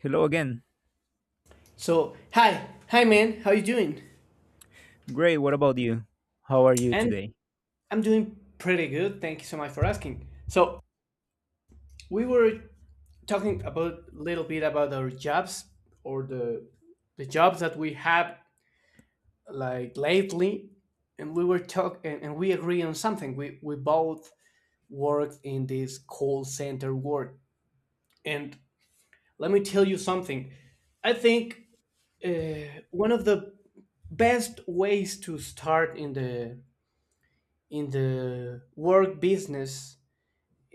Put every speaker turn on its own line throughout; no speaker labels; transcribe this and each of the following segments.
Hello again.
So, man, how you doing?
Great. What about you? How are you
And
today?
I'm doing pretty good. Thank you so much for asking. So, we were talking about a little bit about our jobs or the jobs that we have like lately, and we were talk and we agree on something. We both worked in this call center work, and let me tell you something. I think one of the best ways to start in the work business,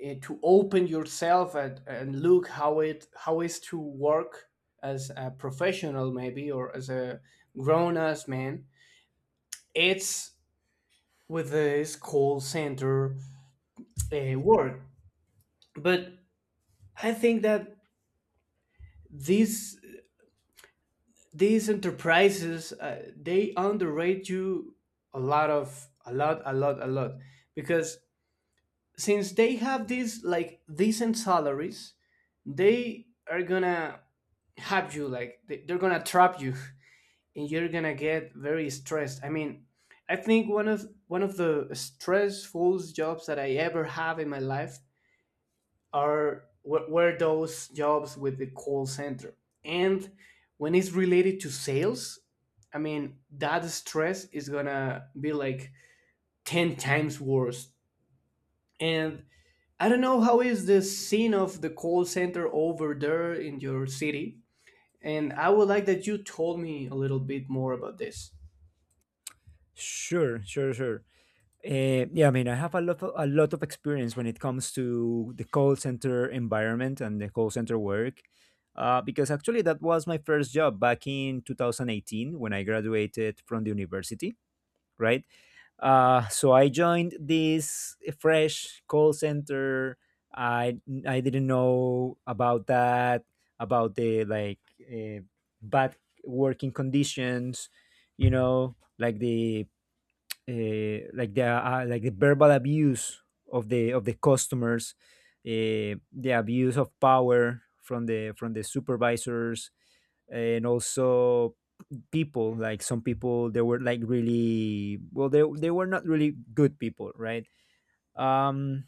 to open yourself at, and look how it how is to work as a professional maybe or as a grown ass man, it's with this call center work. But I think that these these enterprises, they underrate you a lot, of a lot a lot a lot because since they have these like decent salaries, they are gonna have you like they're gonna trap you, and you're gonna get very stressed. I mean, I think one of the stressful jobs that I ever have in my life are were those jobs with the call center, and when it's related to sales, I mean that stress is gonna be like 10 times worse. And I don't know how is the scene of the call center over there in your city. And I would like that you told me a little bit more about this.
Sure, sure, sure. Yeah, I mean, I have a lot of experience when it comes to the call center environment and the call center work, because actually that was my first job back in 2018 when I graduated from the university, right? So I joined this fresh call center. I I didn't know about that, about the like bad working conditions, you know, like the verbal abuse of the customers, the abuse of power from the supervisors, and also people, like some people, they were like, really, well, they were not really good people, right. um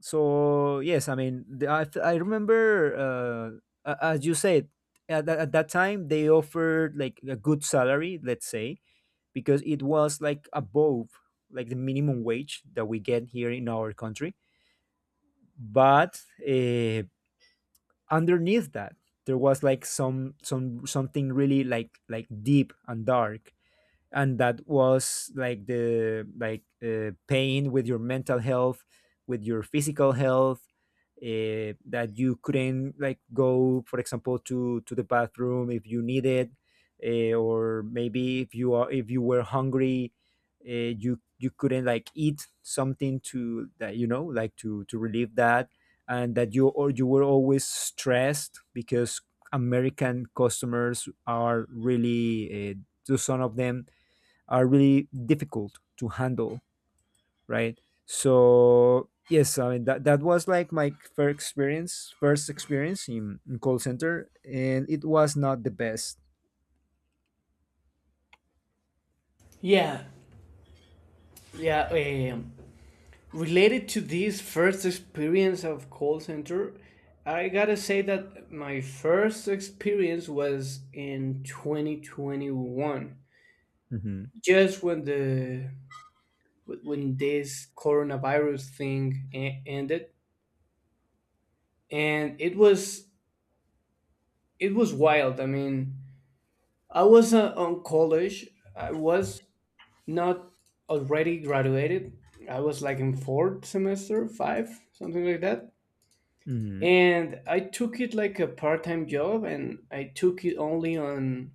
so yes, I mean, I remember, as you said, at that time they offered like a good salary, let's say, because it was like above like the minimum wage that we get here in our country. But uh, underneath that, there was like something really like deep and dark, and that was like the like pain with your mental health, with your physical health, that you couldn't like go, for example, to the bathroom if you needed, or maybe if you were hungry, you couldn't like eat something to that like to relieve that, and that you, or you were always stressed, because American customers are really, to some of them, are really difficult to handle, right? So yes, I mean, that was like my first experience in, call center, and it was not the best.
Yeah, yeah. Um, Related to this first experience of call center, I gotta say that my first experience was in 2021,
Hmm.
just when the when this coronavirus thing ended, and it was wild. I mean, I was on college. I was not already graduated. I was like in fourth semester, five, something like that.
Hmm.
And I took it like a part-time job, and I took it only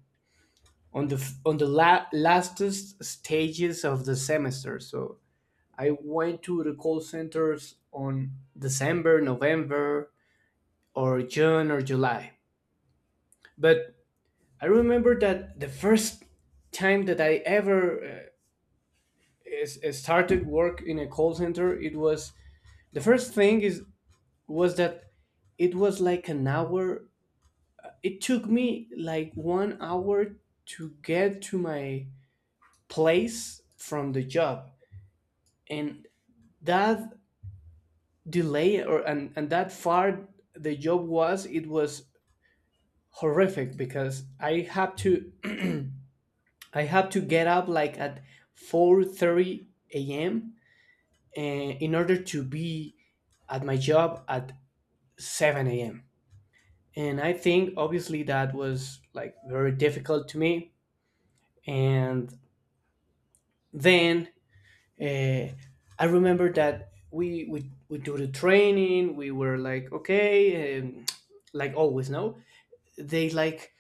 on the f- on the la- lastest stages of the semester. So I went to the call centers on December, November, or June or July. But I remember that the first time that I ever started work in a call center, it was the first thing is was that it was like an hour, it took me like 1 hour to get to my place from the job. And that delay, or and that far, the job was it was horrific because I had to I had to get up like at 4:30 a.m, in order to be at my job at 7 a.m. And I think obviously that was like very difficult to me. And then uh, I remember that we do the training. We were like okay, like always. No, they like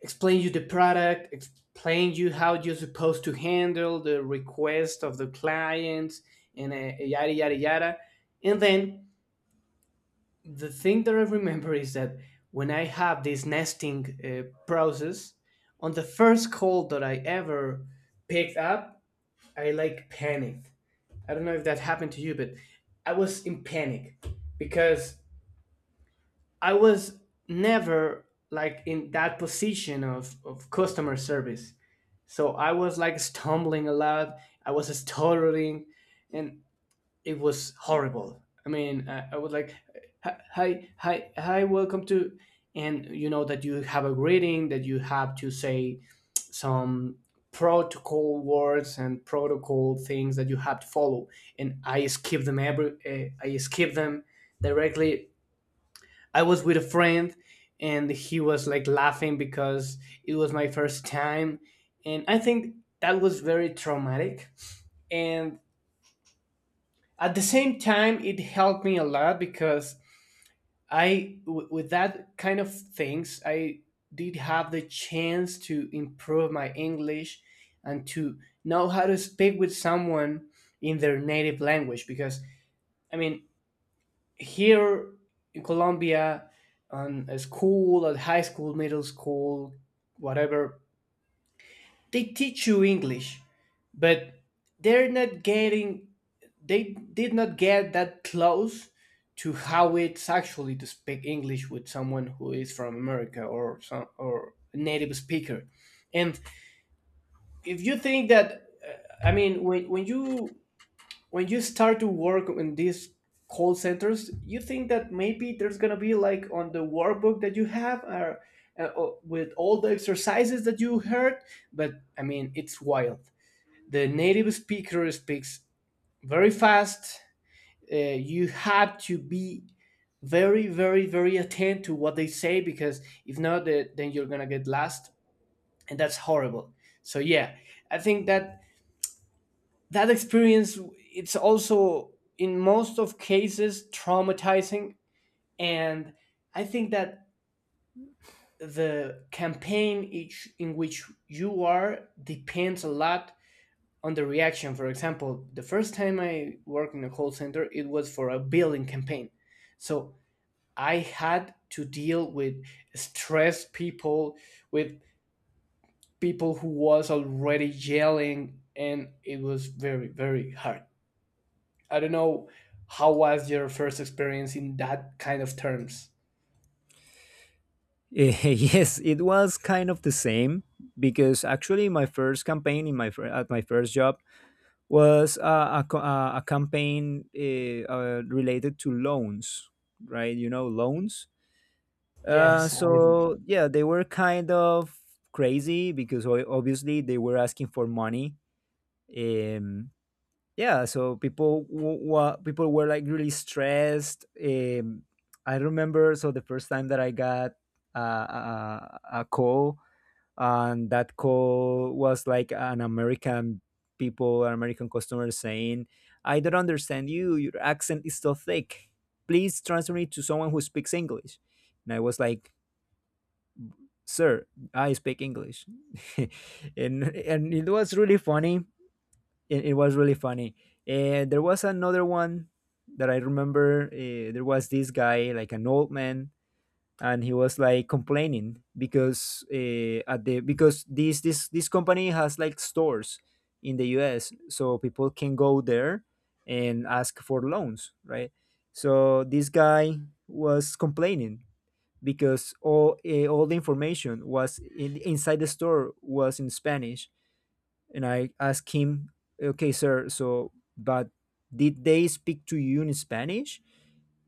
explain you the product, explain you how you're supposed to handle the request of the clients, and yada yada yada. And then the thing that I remember is that when I have this nesting process, on the first call that I ever picked up, I like panicked. I don't know if that happened to you, but I was in panic because I was never like in that position of customer service. So I was like stumbling a lot, I was stuttering, and it was horrible. I mean, I was like, hi, hi, hi, welcome to, and you know that you have a greeting that you have to say some protocol words and protocol things that you have to follow. And I skip them every, I skip them directly. I was with a friend, and he was like laughing because it was my first time, and I think that was very traumatic. And at the same time, it helped me a lot because with that kind of things, I did have the chance to improve my English and to know how to speak with someone in their native language. Because, I mean, here in Colombia, on a school, at high school, middle school, whatever, they teach you English, but they're not getting they did not get that close to how it's actually to speak English with someone who is from America or some or a native speaker. And if you think that, I mean, when you start to work in these call centers, you think that maybe there's gonna be like on the workbook that you have or. With all the exercises that you heard, but I mean, it's wild. The native speaker speaks very fast. You have to be very very very attentive to what they say because if not then you're gonna get lost, and that's horrible. So yeah, I think that that experience, it's also in most of cases traumatizing. And I think that the campaign each in which you are depends a lot on the reaction. For example, the first time I worked in a call center, it was for a billing campaign. So I had to deal with stressed people, with people who was already yelling, and it was very, very hard. I don't know how was your first experience in that kind of terms.
Yes, it was kind of the same, because actually my first campaign, at my first job, was a campaign, related to loans, right? You know, loans.
Yes. I
So yeah, they were kind of crazy, because obviously they were asking for money. Um, yeah, so people w- wa people were like really stressed. I remember, so the first time that I got a call, and that call was like an American customer, saying, "I don't understand you. Your accent is so thick. Please transfer me to someone who speaks English." And I was like, "Sir, I speak English." And it was really funny. It was really funny. And there was another one that I remember. There was this guy, like an old man, and he was like complaining because, at the because this this company has like stores in the US, so people can go there and ask for loans, right? So this guy was complaining, because all, the information was inside the store, was in Spanish, and I asked him, "Okay, sir, so, but did they speak to you in Spanish?"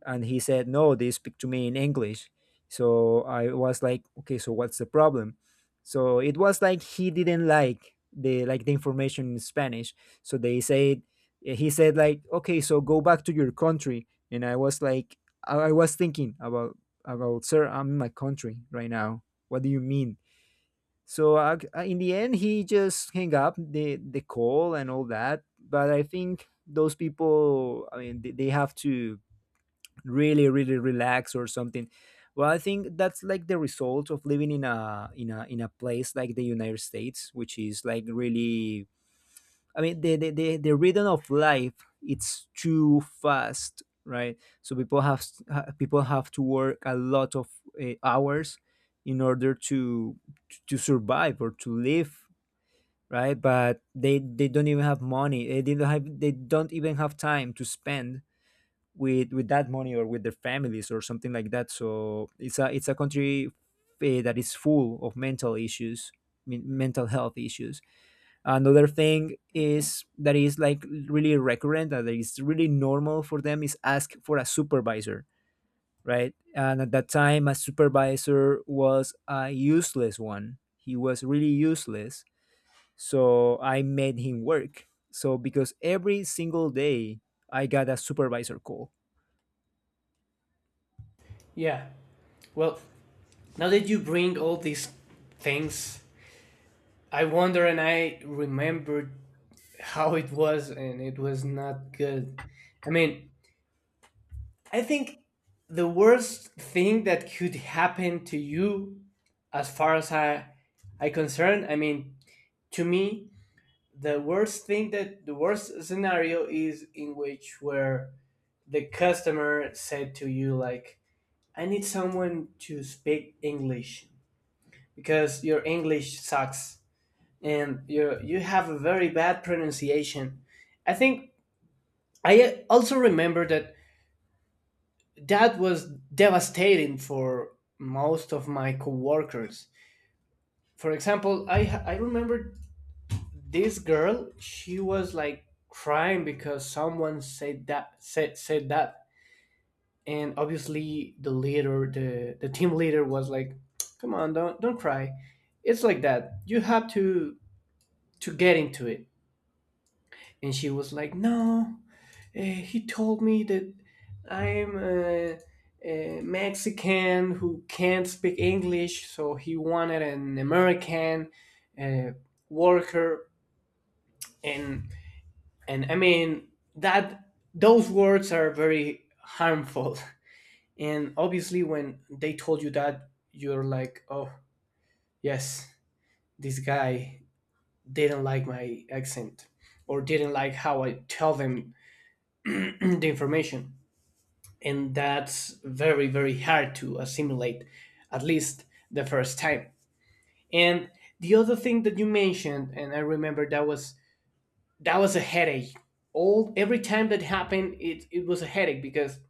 And he said, "No, they speak to me in English." So I was like, "Okay, so what's the problem?" So it was like he didn't like the, information in Spanish. So they said he said like, "Okay, so go back to your country." And I was like, I was thinking about, sir, I'm in my country right now. What do you mean? So in the end, he just hang up the call and all that. But I think those people, I mean, they, have to really, really relax or something. Well, I think that's like the result of living in a, in a place like the United States, which is like really, I mean, the, rhythm of life, it's too fast, right? So people have, people have to work a lot of hours in order to survive or to live, right? But they don't even have money. They didn't have they don't even have time to spend with that money or with their families or something like that. So it's a, it's a country, that is full of mental issues, mental health issues. Another thing is that is like really recurrent, that is really normal for them, is ask for a supervisor, right? And at that time, a supervisor was a useless one. He was really useless. So I made him work, so, because every single day I got a supervisor call.
Yeah. Well, now that you bring all these things, I wonder and I remembered how it was, and it was not good. I mean, I think the worst thing that could happen to you, as far as I concerned, I mean, to me, the worst thing, that the worst scenario is in which where the customer said to you like, "I need someone to speak English because your English sucks and you have a very bad pronunciation." I think I also remember that that was devastating for most of my coworkers. For example, I remember this girl, she was like crying because someone said that. And obviously the leader, the team leader was like, come on, don't cry, it's like that, you have to get into it. And she was like, no, uh, he told me that I'm a mexican who can't speak english, so he wanted an american uh, worker. and and I mean that those words are very harmful. And obviously when they told you that, you're like, oh yes, this guy didn't like my accent or didn't like how I tell them the information. And that's very very hard to assimilate, at least the first time. And the other thing that you mentioned, and I remember that was a headache. All every time that happened, it was a headache because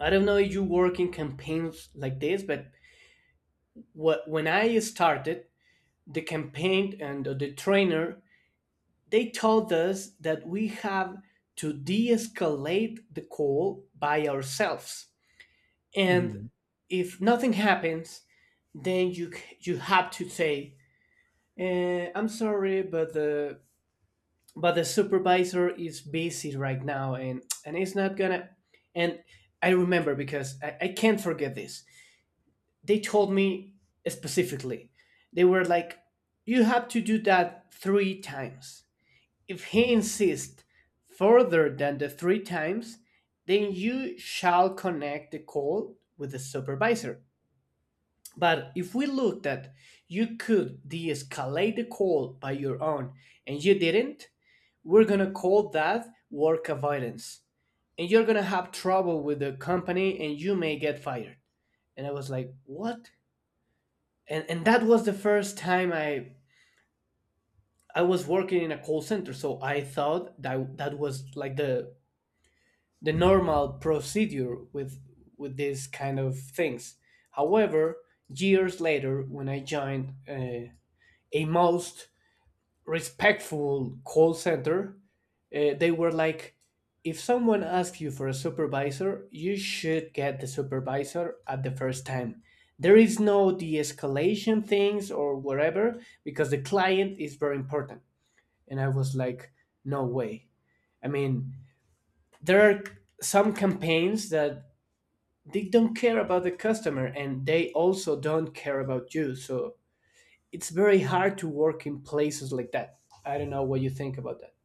I don't know if you work in campaigns like this, but what, when I started the campaign and the trainer, they told us that we have to de-escalate the call by ourselves. And if nothing happens, then you have to say, "I'm sorry, but the supervisor is busy right now, and it's not gonna." And I remember because I can't forget this, they told me specifically, they were like, you have to do that 3 times. If he insists further than the 3 times, then you shall connect the call with the supervisor. But if we looked at you could de-escalate the call by your own and you didn't, we're gonna call that work avoidance, and you're gonna have trouble with the company and you may get fired. And I was like, what? And that was the first time i was working in a call center, so I thought that that was like the normal procedure with these kind of things. However, years later when I joined, a most respectful call center, they were like, if someone asks you for a supervisor, you should get the supervisor at the first time. There is no de escalation things or whatever because the client is very important. And I was like, no way. I mean, there are some campaigns that they don't care about the customer and they also don't care about you. So it's very hard to work in places like that. I don't know what you think about that.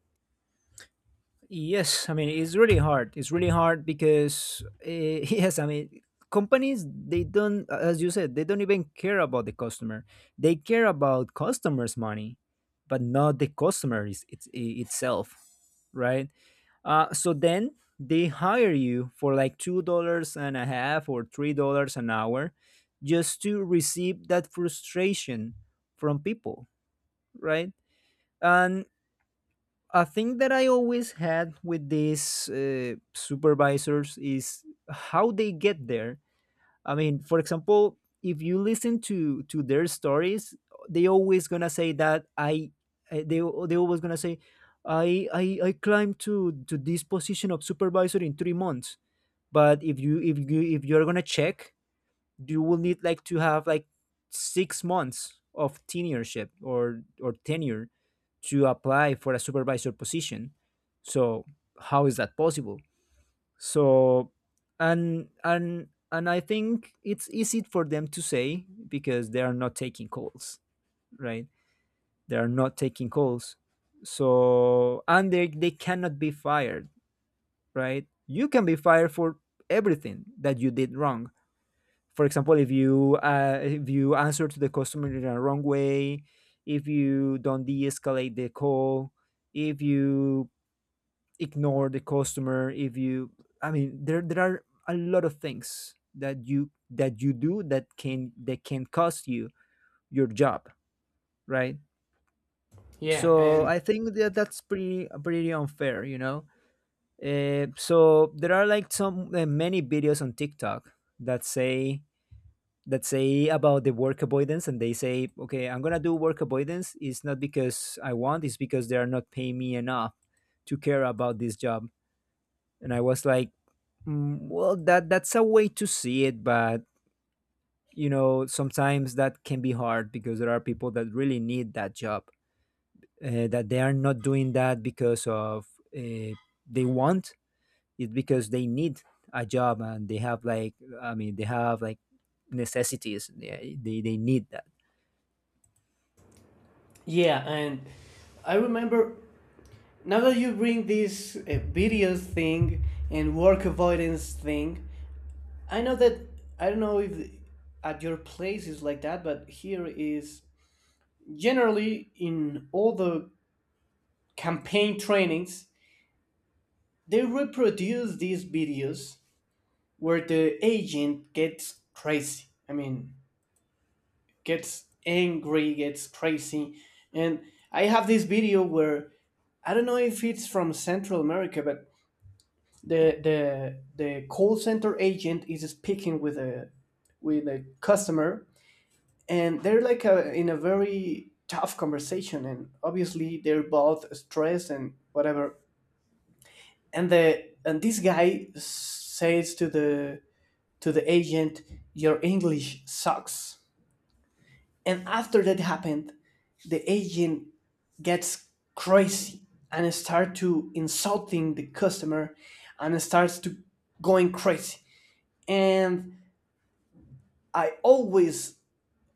Yes, I mean, it's really hard. It's really hard, because yes, I mean, companies, they don't, as you said, they don't even care about the customer. They care about customers' money, but not the customer itself, right? So then they hire you for like two dollars and a half or $3 an hour, just to receive that frustration from people, right? And a thing that I always had with these supervisors is how they get there. I mean, for example, if you listen to their stories, they always gonna say that, I- they always gonna say I I climbed to this position of supervisor in 3 months. But if you, if you're gonna check, you will need like to have like 6 months of tenureship, or tenure to apply for a supervisor position. So how is that possible? So, and I think it's easy for them to say, because they are not taking calls, right? They are not taking calls. So, and they cannot be fired, right? You can be fired for everything that you did wrong. For example, if you answer to the customer in a wrong way, if you don't de-escalate the call, if you ignore the customer, if you I mean, there are a lot of things that you, do that can, cost you your job, right?
Yeah,
So
and
I think that that's pretty, pretty unfair. So there are like, some many videos on TikTok that say, about the work avoidance, and they say, "Okay, I'm gonna do work avoidance. It's not because I want, it's because they are not paying me enough to care about this job." And I was like, well, that's a way to see it. But sometimes that can be hard, because there are people that really need that job, that they are not doing that because of, uh, they want, it's because they need a job, and they have like I mean they have like necessities, they need that.
Yeah, and I remember now that you bring this videos thing and work avoidance thing. I know that I don't know if at your place is like that, but here is generally in all the campaign trainings they reproduce these videos where the agent gets crazy. I mean, gets angry, gets crazy, and I have this video where I don't know if it's from Central America, but the the call center agent is speaking with a customer, and they're like a, in a very tough conversation, and obviously they're both stressed and whatever. And the and this guy says to the agent, "Your English sucks." And after that happened, the agent gets crazy and start to insulting the customer and starts to going crazy. And i always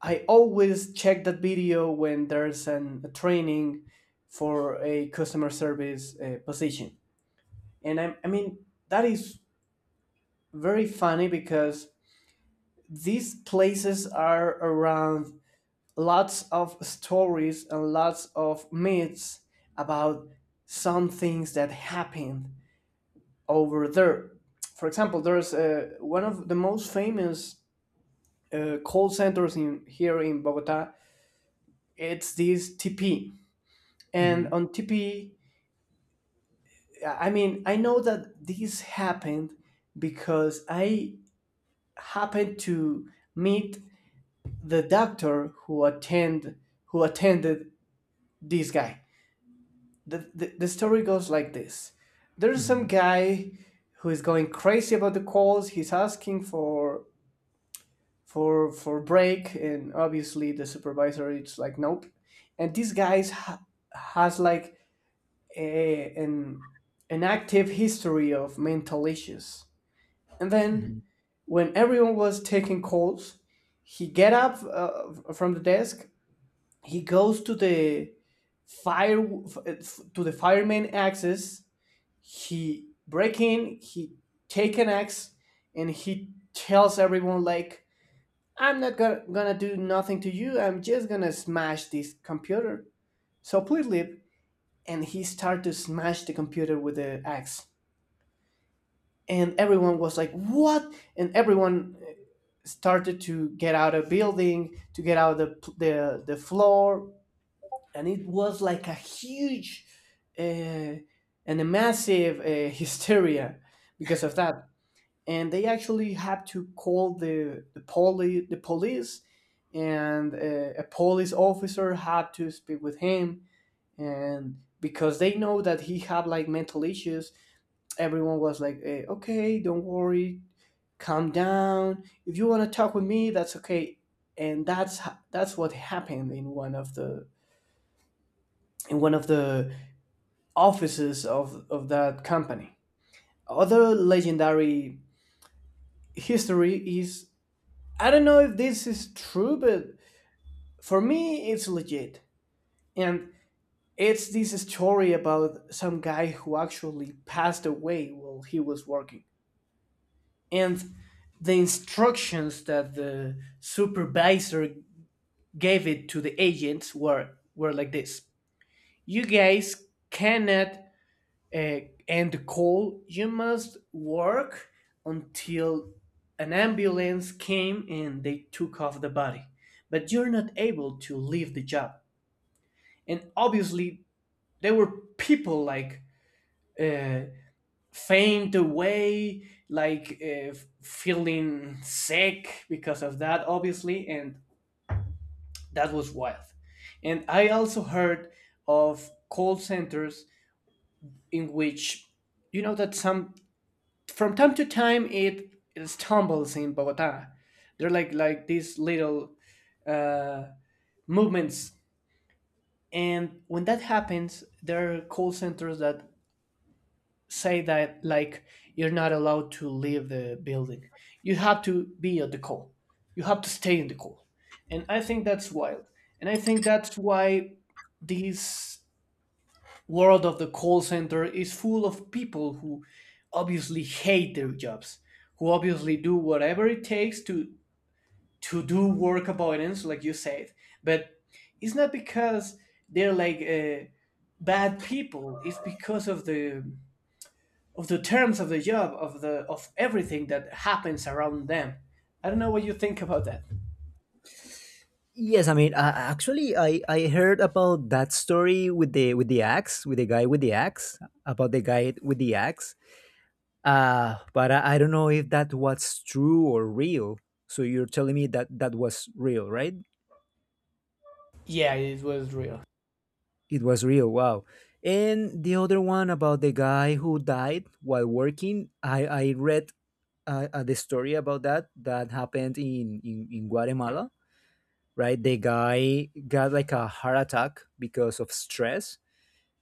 I always check that video when there's a training for a customer service position. And I mean that is very funny because these places are around lots of stories and lots of myths about some things that happened over there. For example, there's one of the most famous call centers in here in Bogota. It's this TP. And
Mhm.
on TP, I mean, I know that this happened because I happened to meet the doctor who attend who attended this guy. The story goes like this. There's some
Hmm.
guy who is going crazy about the calls. He's asking for for break, and obviously the supervisor is like nope. And this guy has like a, an, an active history of mental issues. And
Hmm.
then, when everyone was taking calls, he get up from the desk. He goes to the fireman axis. He break in. He take an axe, and he tells everyone like, "I'm not gonna do nothing to you. I'm just gonna smash this computer. So please leave." And he start to smash the computer with the axe, and everyone was like what, and everyone started to get out of building, to get out of the the floor. And it was like a huge uh, and a massive hysteria because of that. And they actually had to call the the police. And a police officer had to speak with him, and because they know that he had like mental issues, everyone was like, eh, okay, don't worry, calm down. If you want to talk with me, that's okay. And that's what happened in one of the in one of the offices of that company. Other legendary history is, I don't know if this is true, but for me it's legit. And it's this story about some guy who actually passed away while he was working, and the instructions that the supervisor gave it to the agents were like this: you guys cannot uh, end the call, you must work until an ambulance came and they took off the body, but you're not able to leave the job. And obviously there were people like uh, faint away, like feeling sick because of that, obviously. And that was wild. And I also heard of call centers in which, you know, that some, from time to time, it stumbles in Bogota. They're like these little uh, movements, and when that happens, there are call centers that say that like you're not allowed to leave the building. You have to be at the call. You have to stay in the call. And I think that's wild. And I think that's why this world of the call center is full of people who obviously hate their jobs, who obviously do whatever it takes to do work avoidance, like you said. But it's not because they're like bad people. It's because of the terms of the job, of the of everything that happens around them. I don't know what you think about that.
Yes, I mean, actually, I heard about that story with the, axe, about the guy with the axe. But I don't know if that was true or real. So you're telling me that that was real, right?
Yeah, it was real.
It was real. Wow. And the other one about the guy who died while working, I read the story about that that happened in in Guatemala, right? The guy got like a heart attack because of stress,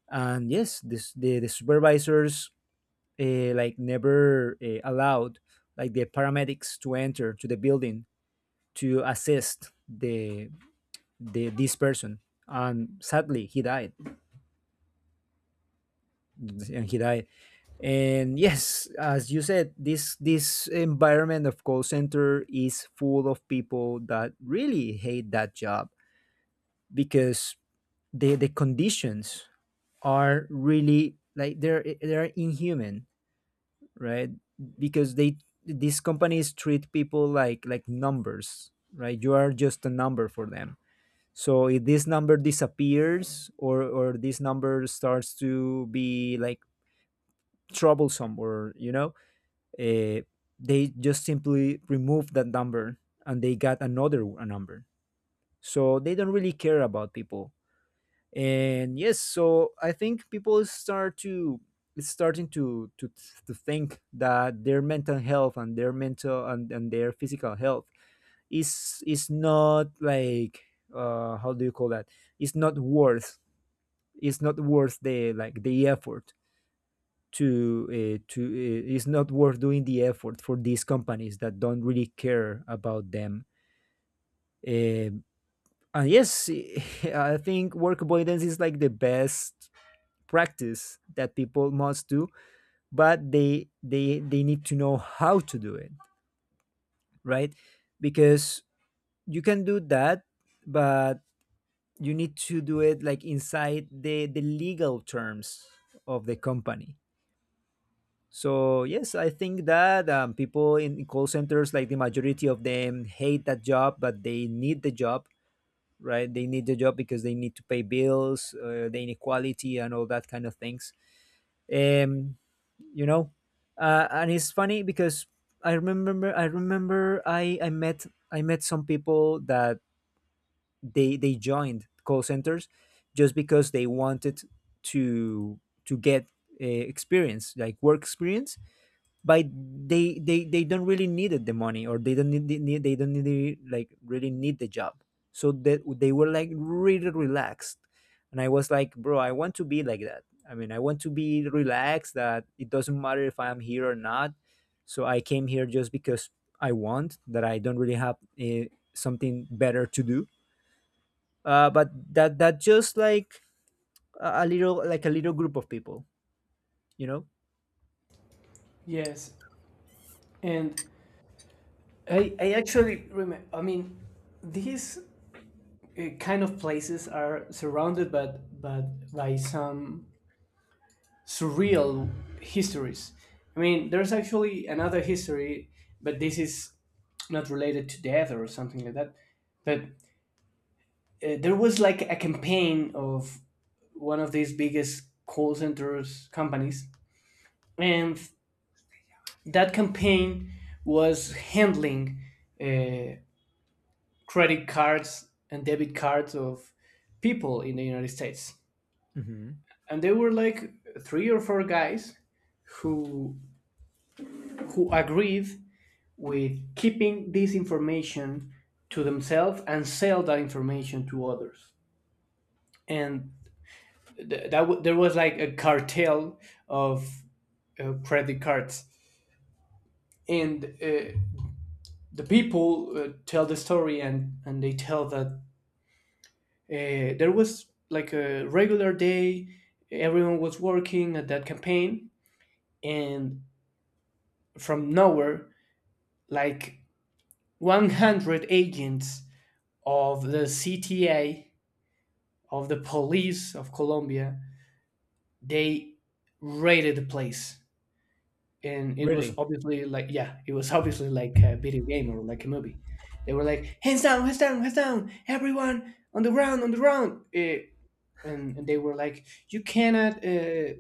and yes, the supervisors, like, never allowed like the paramedics to enter to the building to assist the this person, and sadly he died. And yes, as you said, this environment of call center is full of people that really hate that job, because the conditions are really like, they're inhuman, right? Because, they these companies treat people like, numbers, right? You are just a number for them. So if this number disappears, or this number starts to be like troublesome, or uh, they just simply remove that number and they got another, number. So they don't really care about people. And yes, so I think, people start to it's starting to, to think that their mental health, and their mental, and their physical health, is not like, how do you call that, it's not worth it's not worth the, effort, to it's not worth doing the effort for these companies that don't really care about them, uh, and yes. I think work avoidance is like the best practice that people must do, but they need to know how to do it, right? Because you can do that, but you need to do it like inside the legal terms of the company. So yes, I think that people in call centers, like the majority of them, hate that job, but they need the job, right? They need the job, because they need to pay bills, the inequality and all that kind of things. um, you know and it's funny because I remember, I met some people that they joined call centers just because they wanted to get experience, like work experience, by, they don't really needed the money, or they don't need the, like really need the job. So that they were like really relaxed. And I was like, bro, I want to be like that. I mean, I want to be relaxed, that it doesn't matter if I'm here or not. So I came here just because I want that. I don't really have uh, something better to do, but that just like, a little, like a little group of people you know
Yes, and I actually remember, I mean, these kind of places are surrounded, but by some surreal histories. I mean, there's actually another history, but this is not related to death or something like that. But there was like a campaign of one of these biggest call centers companies, and that campaign was handling uh, credit cards and debit cards of people in the United States.
hmm.
And there were like three or four guys who who agreed with keeping this information to themselves and sell that information to others. And there was like a cartel of credit cards. And the people tell the story, and they tell that there was like a regular day, everyone was working at that campaign, and from nowhere, like 100 agents of the CTA, of the police of Colombia, they raided the place. And it was
Really?
obviously like, yeah, it was obviously like a video game or like a movie. They were like, hands down, hands down, hands down, everyone on the ground, on the ground. And they were like, you cannot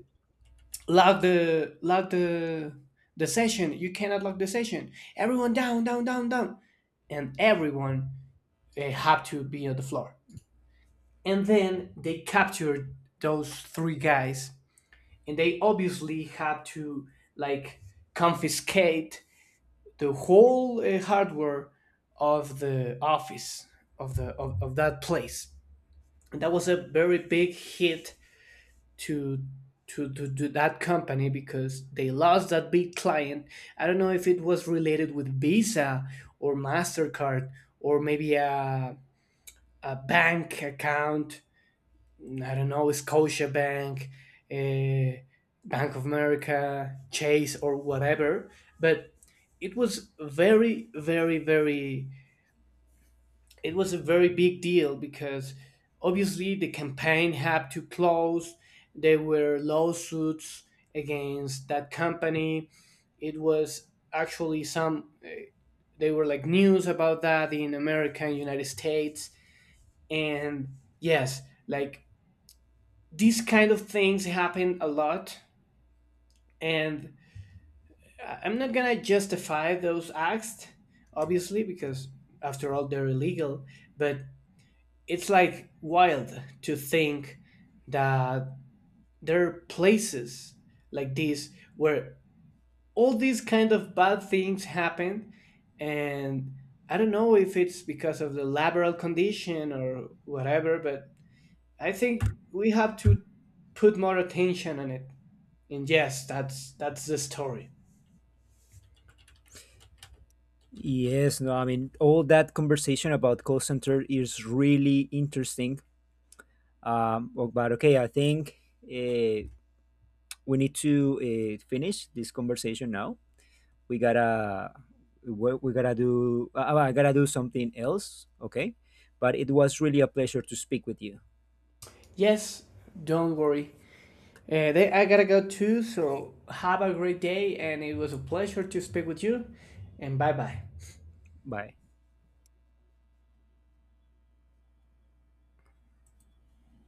lock the lock the session, you cannot lock the session, everyone down, down, down, down. And everyone had to be on the floor. And then they captured those three guys, and they obviously had to like confiscate the whole hardware of the office, of the of that place. And that was a very big hit to to that company because they lost that big client. I don't know if it was related with Visa or Mastercard, or maybe a bank account, I don't know, scotia bank uh, Bank of America, Chase, or whatever. But it was very, very, very, it was a very big deal because obviously the campaign had to close. There were lawsuits against that company. It was actually some, eh, they were like news about that in America and United States. And yes, like these kind of things happen a lot. And I- I'm not going to justify those acts, obviously, because after all, they're illegal. But it's like wild to think that there are places like this where all these kind of bad things happen. And I don't know if it's because of the laboral condition or whatever, but I think we have to put more attention on it. And yes, that's the story.
Yes, no, I mean, all that conversation about call center is really interesting. Oh, but okay, I think uh, we need to finish this conversation now. We gotta, we gotta do, I gotta do something else, okay? But it was really a pleasure to speak with you.
Yes, don't worry. I gotta go too, so have a great day, and it was a pleasure to speak with you. And bye bye.
Bye.